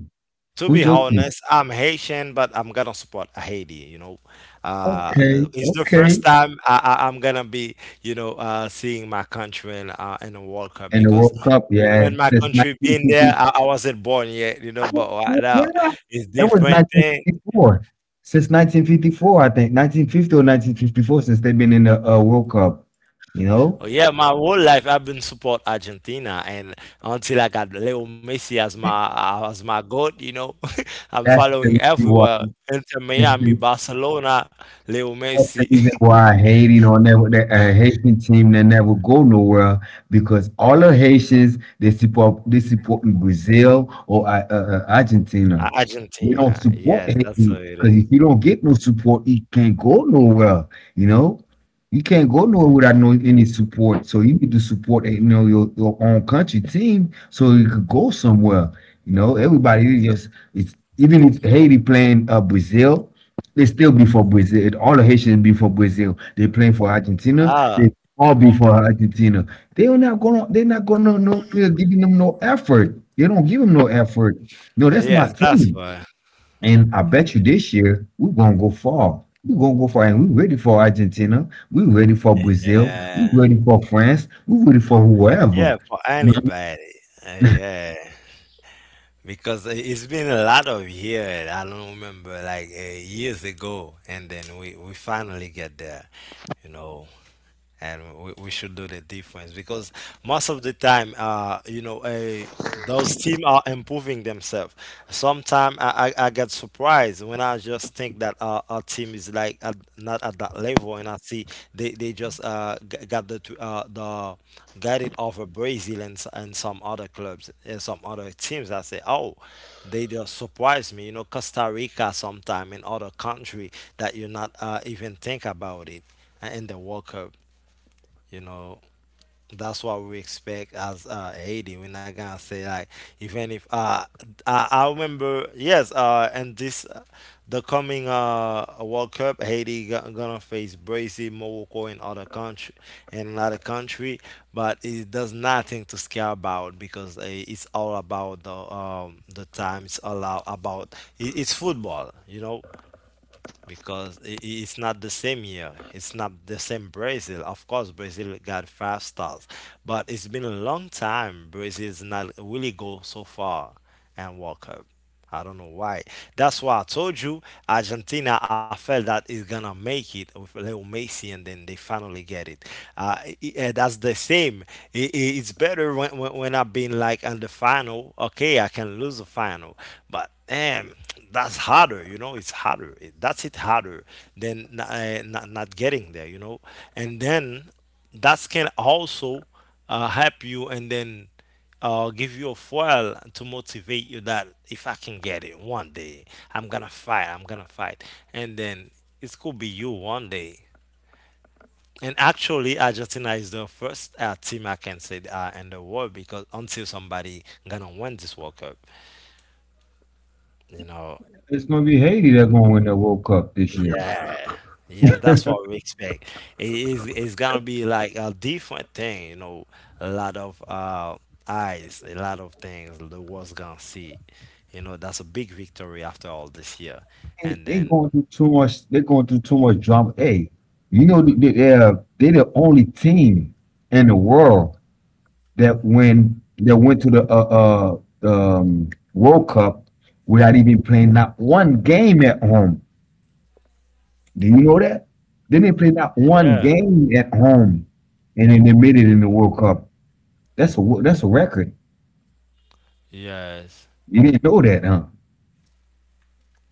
to be
Who's your team?
honest, I'm Haitian, but I'm gonna support Haiti. You know,
Okay,
it's the first
okay.
time I'm gonna be, you know, seeing my country in a World Cup,
And the
because
World Cup, yeah,
when my
since
country been there,
1954.
I wasn't born yet. You know, but right now
Yeah,
it's
it was
different thing.
1954. Since 1954, I think 1950 or 1954, since they've been in the World Cup. You know,
Oh yeah, my whole life I've been support Argentina, and until I got Leo Messi as
that's
my goat, you know, I'm
the
following
reason why.
everywhere. Inter Miami, Barcelona, Leo
That's
Messi.
the reason why Haiti, hating on never that Haitian team that never go nowhere because all the Haitians they support in Brazil or Argentina. They don't
Argentina.
support
Yes, that's how
Haiti
it is.
because if you don't get no support, you can't go nowhere. You know, you can't go nowhere without no any support. So you need to support, you know, your own country team so you could go somewhere. You know, everybody is just it's even if Haiti playing Brazil they still be for Brazil. All the Haitians be for Brazil. They playing for Argentina.
Ah,
They all be for Argentina. They are not gonna. They're not gonna no. They're giving them no effort. They don't give them no effort. No, that's my
yes, that's
team.
why.
And I bet you this year we're gonna go far. We're gonna go far, and we're ready for Argentina. We're ready for Brazil.
Yeah,
We're ready for France. We're ready for whoever.
yeah, for anybody. Yeah, because it's been a lot of years. I don't remember, like years ago, and then we finally get there, you know. And we should do the difference because most of the time you know a those team are improving themselves. Sometimes I get surprised when I just think that our team is like at, not at that level, and I see they just g- got the t- the got it over Brazil and, and some other clubs and some other teams. I say, oh, they just surprise me. You know, Costa Rica sometime in other country that you not even think about it in the World Cup. You know, that's what we expect as Haiti. We're not gonna say like even if I remember, yes, and this the coming World Cup, Haiti gonna face Brazil, Morocco, and other country and another country, but it does nothing to scare about, because it's all about the time. It's all about it, it's football. You know, because it's not the same year. It's not the same Brazil. Of course, Brazil got five stars, but it's been a long time. Brazil's not really go so far and World Cup. I don't know why. That's why I told you Argentina. I felt that is gonna make it with Leo Messi, and then they finally get it. That's the same. It's better when, I've been like on the final. Okay, I can lose the final, but and that's harder, it's harder. It- that's it harder than not, not getting there. And then that can also help you, and then give you a fuel to motivate you that if I can get it one day, I'm gonna fight, I'm gonna fight, and then it could be you one day. And actually, Argentina is the first team I can say in the world, because until somebody gonna win this World Cup, you know,
It's gonna be Haiti that's gonna win the World Cup this year.
Yeah, yeah, that's what we expect. It's gonna be like a different thing, you know, a lot of eyes, a lot of things the world's gonna see. You know, that's a big victory after all this year.
they
And
they
then
going through too much. They're going through too much drama. Hey, you know they, they're the only team in the world that when that went to the World Cup without even playing not one game at home. Do you know that? They didn't play not one
yeah,
game at home, and then they made it in the World Cup. That's a that's a record.
yes.
You didn't know that, huh?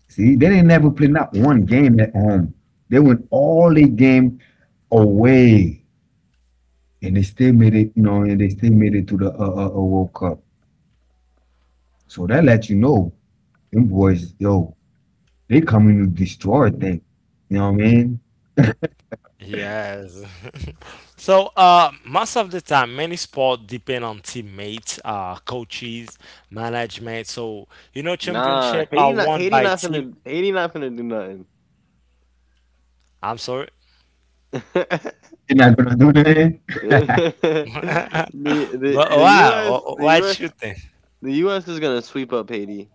See, they didn't never play not one game at home. They went all the game away, and they still made it, you know, and they still made it to the World Cup. So that lets you know them boys, yo, they coming to destroy things. You know what I mean?
Yes. So, most of the time, many sports depend on teammates, coaches, management. So, you know,
Nah,
championship are won by team.
Haiti not finna do nothing.
I'm sorry.
They're not gonna do that.
the the
But
the
why?
U.S.
Why shooting?
The U.S. is gonna sweep up Haiti.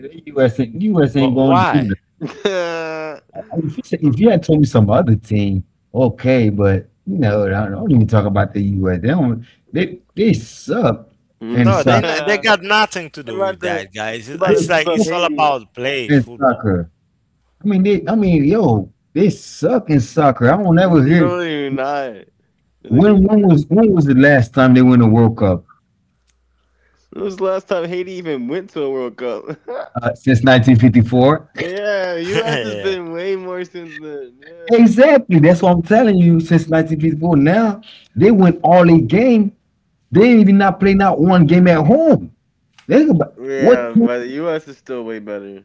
The US ain't
But
gonna do
why?
that.
they're
If you say, if you had told me some other team, okay, but you know, I don't even talk about the US. They don't. They suck in
Though they
soccer.
not, they
about
got nothing to do with
they're
that, guys. It's,
about
They
to
it's
sweep
like
up
suck
it's all
Haiti.
about play
in
football.
soccer. I mean, they. I mean, yo, they suck in soccer. I don't ever hear.
No, they're not. No, they're
When
not.
when was when was the last time they won a World Cup?
When was the last time Haiti even went to a World Cup?
Since 1954.
Yeah, U.S. has
Yeah,
been way more since then. Yeah,
Exactly. That's what I'm telling you. Since 1954. Now they win all eight game. They ain't even not play not one game at home. Think about what
yeah, but the U.S. is still way better.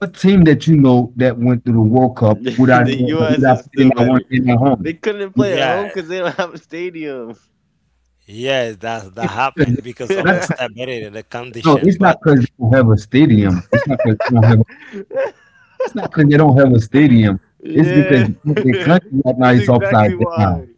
what team that you know that went through the World Cup
The U.S.
without
is still
playing not one
better.
game at
They
home.
couldn't
But-
play at
yeah,
home because they don't have a stadium.
yes. That that happened because of the
Not
Yeah,
stability, the
No,
condition.
it's not
But
because they don't have a stadium. It's not because they don't have. It's not because they don't have a stadium. It's because the country right now
that's
is upside
exactly why.
down.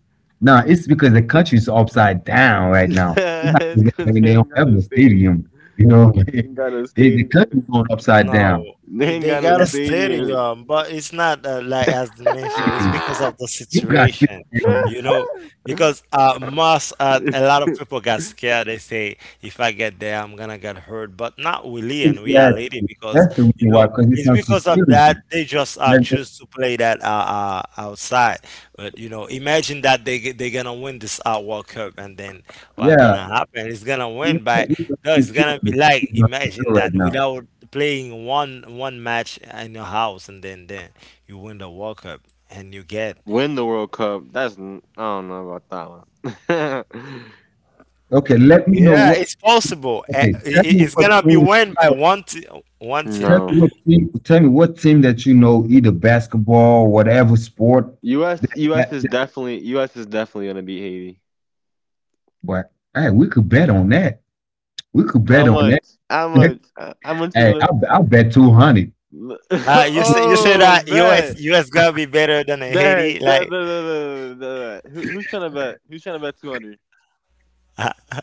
No, it's because the country's upside down right now. It's not
It's
that
because
they
they
they don't
don't got
have
no
a
stadium.
stadium. You know,
They ain't got no
they, the
stadium.
country's going upside
no,
down.
They ain't
they
got no
got a
That's
stadium.
stadium, but it's not like as
the
mentioned. It's
stadium.
because of the
You got
situation,
stadium.
you know. Because most a lot of people got scared. They say, "If I get there, I'm gonna get hurt." But not really and
Fix
we are
that.
lady. Because
That's the
you
reason why,
know,
because it's
it's
not
because of
security.
that they just
That's just,
choose to play that outside. But you know, imagine that they're gonna win this World Cup, and then what
yeah,
gonna happen? It's gonna
you
win by
know, it's not
no, it's
secure.
gonna
The
be like
country's not
imagine
secure right
that
now.
without playing one match in your house, and then you win the World Cup and you get
Win the World Cup. That's n- I don't know about that one.
Okay, let me know
yeah,
what.
it's possible.
Okay, tell me
It's
what
gonna be
team.
won by one team.
No.
Tell me what team that you know, either basketball, whatever sport that,
US
that
is definitely US is definitely gonna beat Haiti.
But hey, we could bet on that. We could
How
bet on
much? How
that.
much? How much you
Hey,
want to
I bet 200.
You say, you say
oh,
that US
bet,
US gonna be better than
bet,
Haiti,
bet, bet,
like
bet, bet, bet, bet. Bet. Who's trying to bet? Who's trying to bet 200?
uh,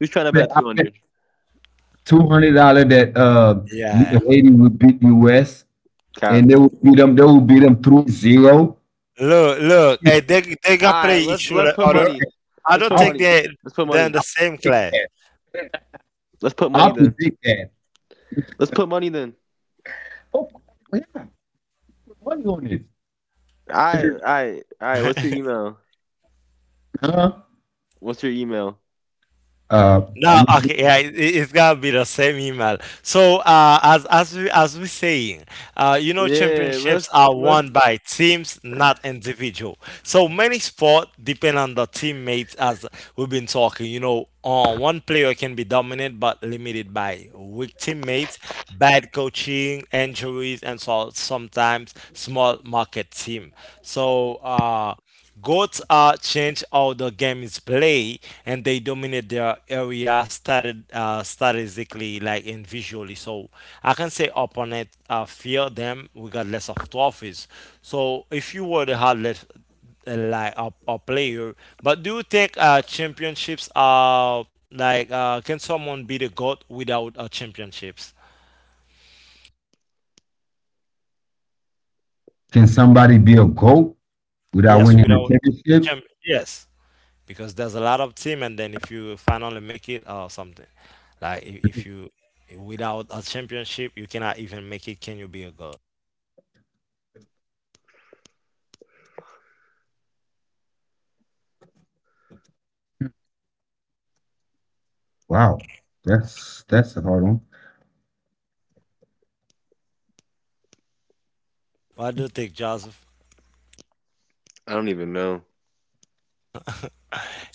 Who's trying to bet
I
two
bet
hundred?
$200 that you,
yeah,
the lady would beat the US and
Cap.
they would beat them 3-0.
look, look, they
All
gonna
right,
play each
let's put
other.
money.
I
Let's
don't
put
I'll
think
money.
they
Let's put
they're in
money.
the same
predict
class.
that.
Let's put money
I'll
then.
predict that.
Let's put money then.
Oh, we have the money on it.
All right, all right, all right. What's your email?
Huh?
What's your email?
Uh,
No,
let me see.
okay, yeah, it's gotta be the same email. So, as we saying, you know,
Yeah,
championships are
let's.
won by teams, not individual. So many sport depend on the teammates as we've been talking. You know, one player can be dominant but limited by weak teammates, bad coaching, injuries, and so sometimes small market team. So goats change how the game is played, and they dominate their area started statistically, like and visually. So I can say opponent fear them regardless of trophies. So if you were the hardest like a player. But do you think championships are like can someone be the GOAT without championships?
Can somebody be a GOAT without
Yes,
winning a
without
championship?
champ yes. Because there's a lot of team, and then if you finally make it or something. Like if you without a championship you cannot even make it, can you be a GOAT?
Wow, that's a hard one.
What do you think, Joseph?
I don't even know.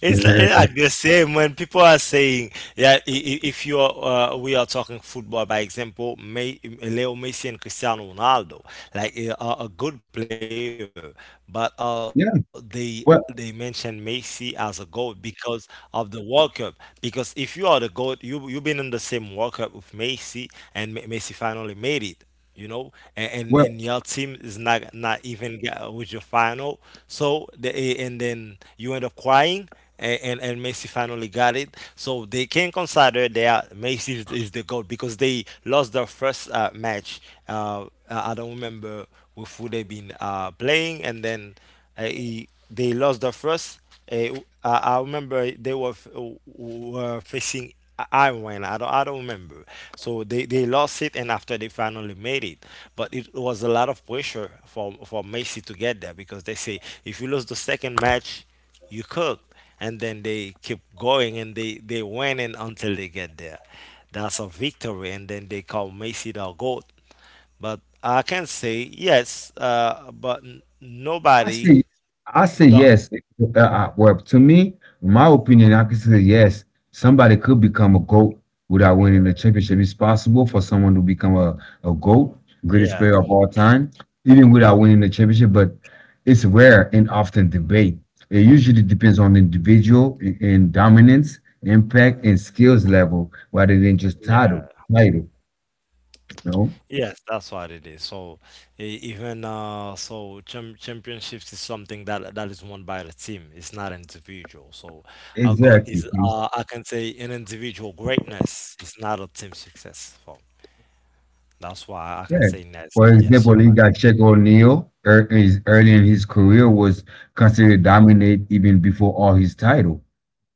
It's
Yeah.
like the same when people are saying, yeah, if you are, we are talking football, by example, May, Leo Messi and Cristiano Ronaldo. Like a good player, but
Yeah.
they mentioned
Well,
Messi as a goat because of the World Cup. Because if you are the goat, you've been in the same World Cup with Messi, and Messi finally made it. You know,
well,
and your team is not not even with your final. So and then you end up crying and Messi finally got it. So they can consider that Messi is the GOAT because they lost their first match. Uh, I don't remember with who they've been playing, and then they lost the first. Uh, I remember they were, were facing Iran. I don't, I don't remember. So they lost it, and after they finally made it, but it was a lot of pressure for Messi to get there, because they say if you lose the second match, you cooked, and then they keep going and they win and until they get there. That's a victory, and then they call Messi the goat. But I can say yes, but
I
nobody,
say, I say
not.
yes. To me, my opinion, I can say yes. Somebody could become a GOAT without winning the championship. It's possible for someone to become a GOAT, greatest player of all time, even without winning the championship, but it's rare and often debate. It usually depends on the individual and dominance, impact, and skills level rather than just
Yeah.
title. Title, you know?
Yes, that's what it is. So cham championships is something that that is won by the team. It's not an individual. So our God is,
Exactly.
I can say, an individual greatness. It's not a team success. So that's why I can
Yeah.
say yes.
For
Yes.
example, you got Shaq O'Neal. Early in his career, was considered dominant even before all his title.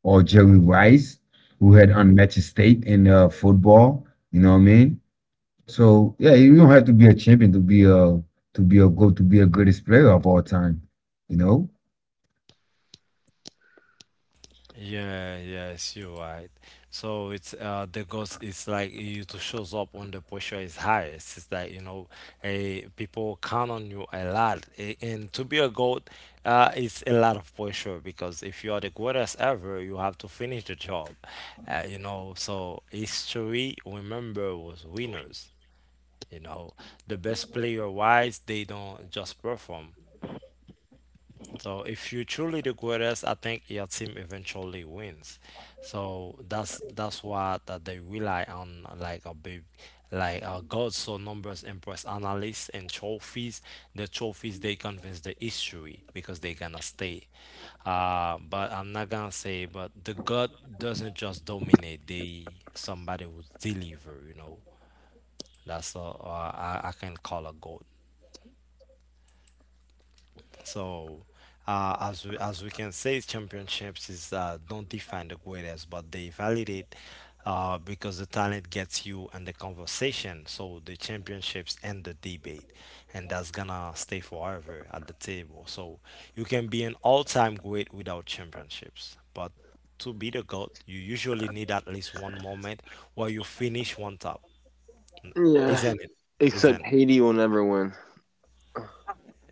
Or Jerry Rice, who had unmatched state in football. You know what I mean? So yeah, you don't have to be a champion to be a go to be a greatest player of all time. You know?
Yeah, yes, you're right. So it's the ghost, it's like you to shows up when the pressure is highest. It's like, you know, a people count on you a lot. And to be a goat, it's a lot of pressure, because if you are the greatest ever, you have to finish the job. You know, so history remember was winners. You know, the best player wise, they don't just perform. So if you truly the greatest, I think your team eventually wins. So that's why that they rely on like a big like a god, so numbers impress analysts and trophies. The trophies they convince the history because they gonna stay. But I'm not gonna say but the god doesn't just dominate, they somebody will deliver, you know. That's all I can call a god. So, as we can say, championships is don't define the greatest, but they validate because the talent gets you in the conversation. So the championships and the debate, and that's gonna stay forever at the table. So you can be an all-time great without championships, but to be the goat, you usually need at least one moment where you finish one top,
Yeah,
isn't it?
except
Isn't it?
Haiti will never win.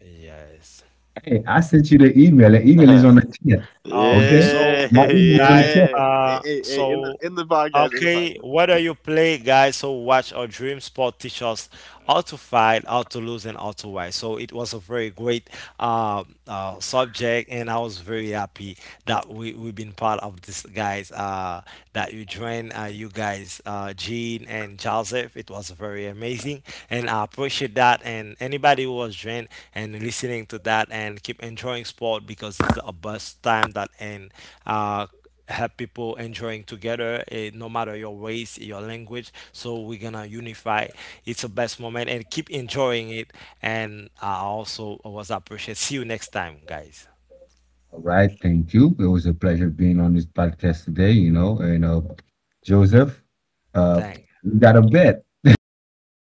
Yes.
Hey, I sent you the email. The email is on the chat.
Okay,
Okay?
so
Yeah,
My email is
yeah.
on
guys,
the chat.
uh,
In the
so
podcast, in the
okay,
podcast.
whether you play, guys, or watch or dream, sport teach us how to fight, how to lose, and how to win. So it was a very great subject, and I was very happy that we, we've been part of this, guys, that you joined, you guys, Gene and Joseph. It was very amazing, and I appreciate that. And anybody who was joined and listening to that, and keep enjoying sport because it's the best time that and uh, have people enjoying together no matter your race, your language, so we're gonna unify. It's the best moment and keep enjoying it, and I also was appreciate. See you next time, guys.
All right, thank you. It was a pleasure being on this podcast today, you know, and Joseph, uh
Thanks.
we got a bet.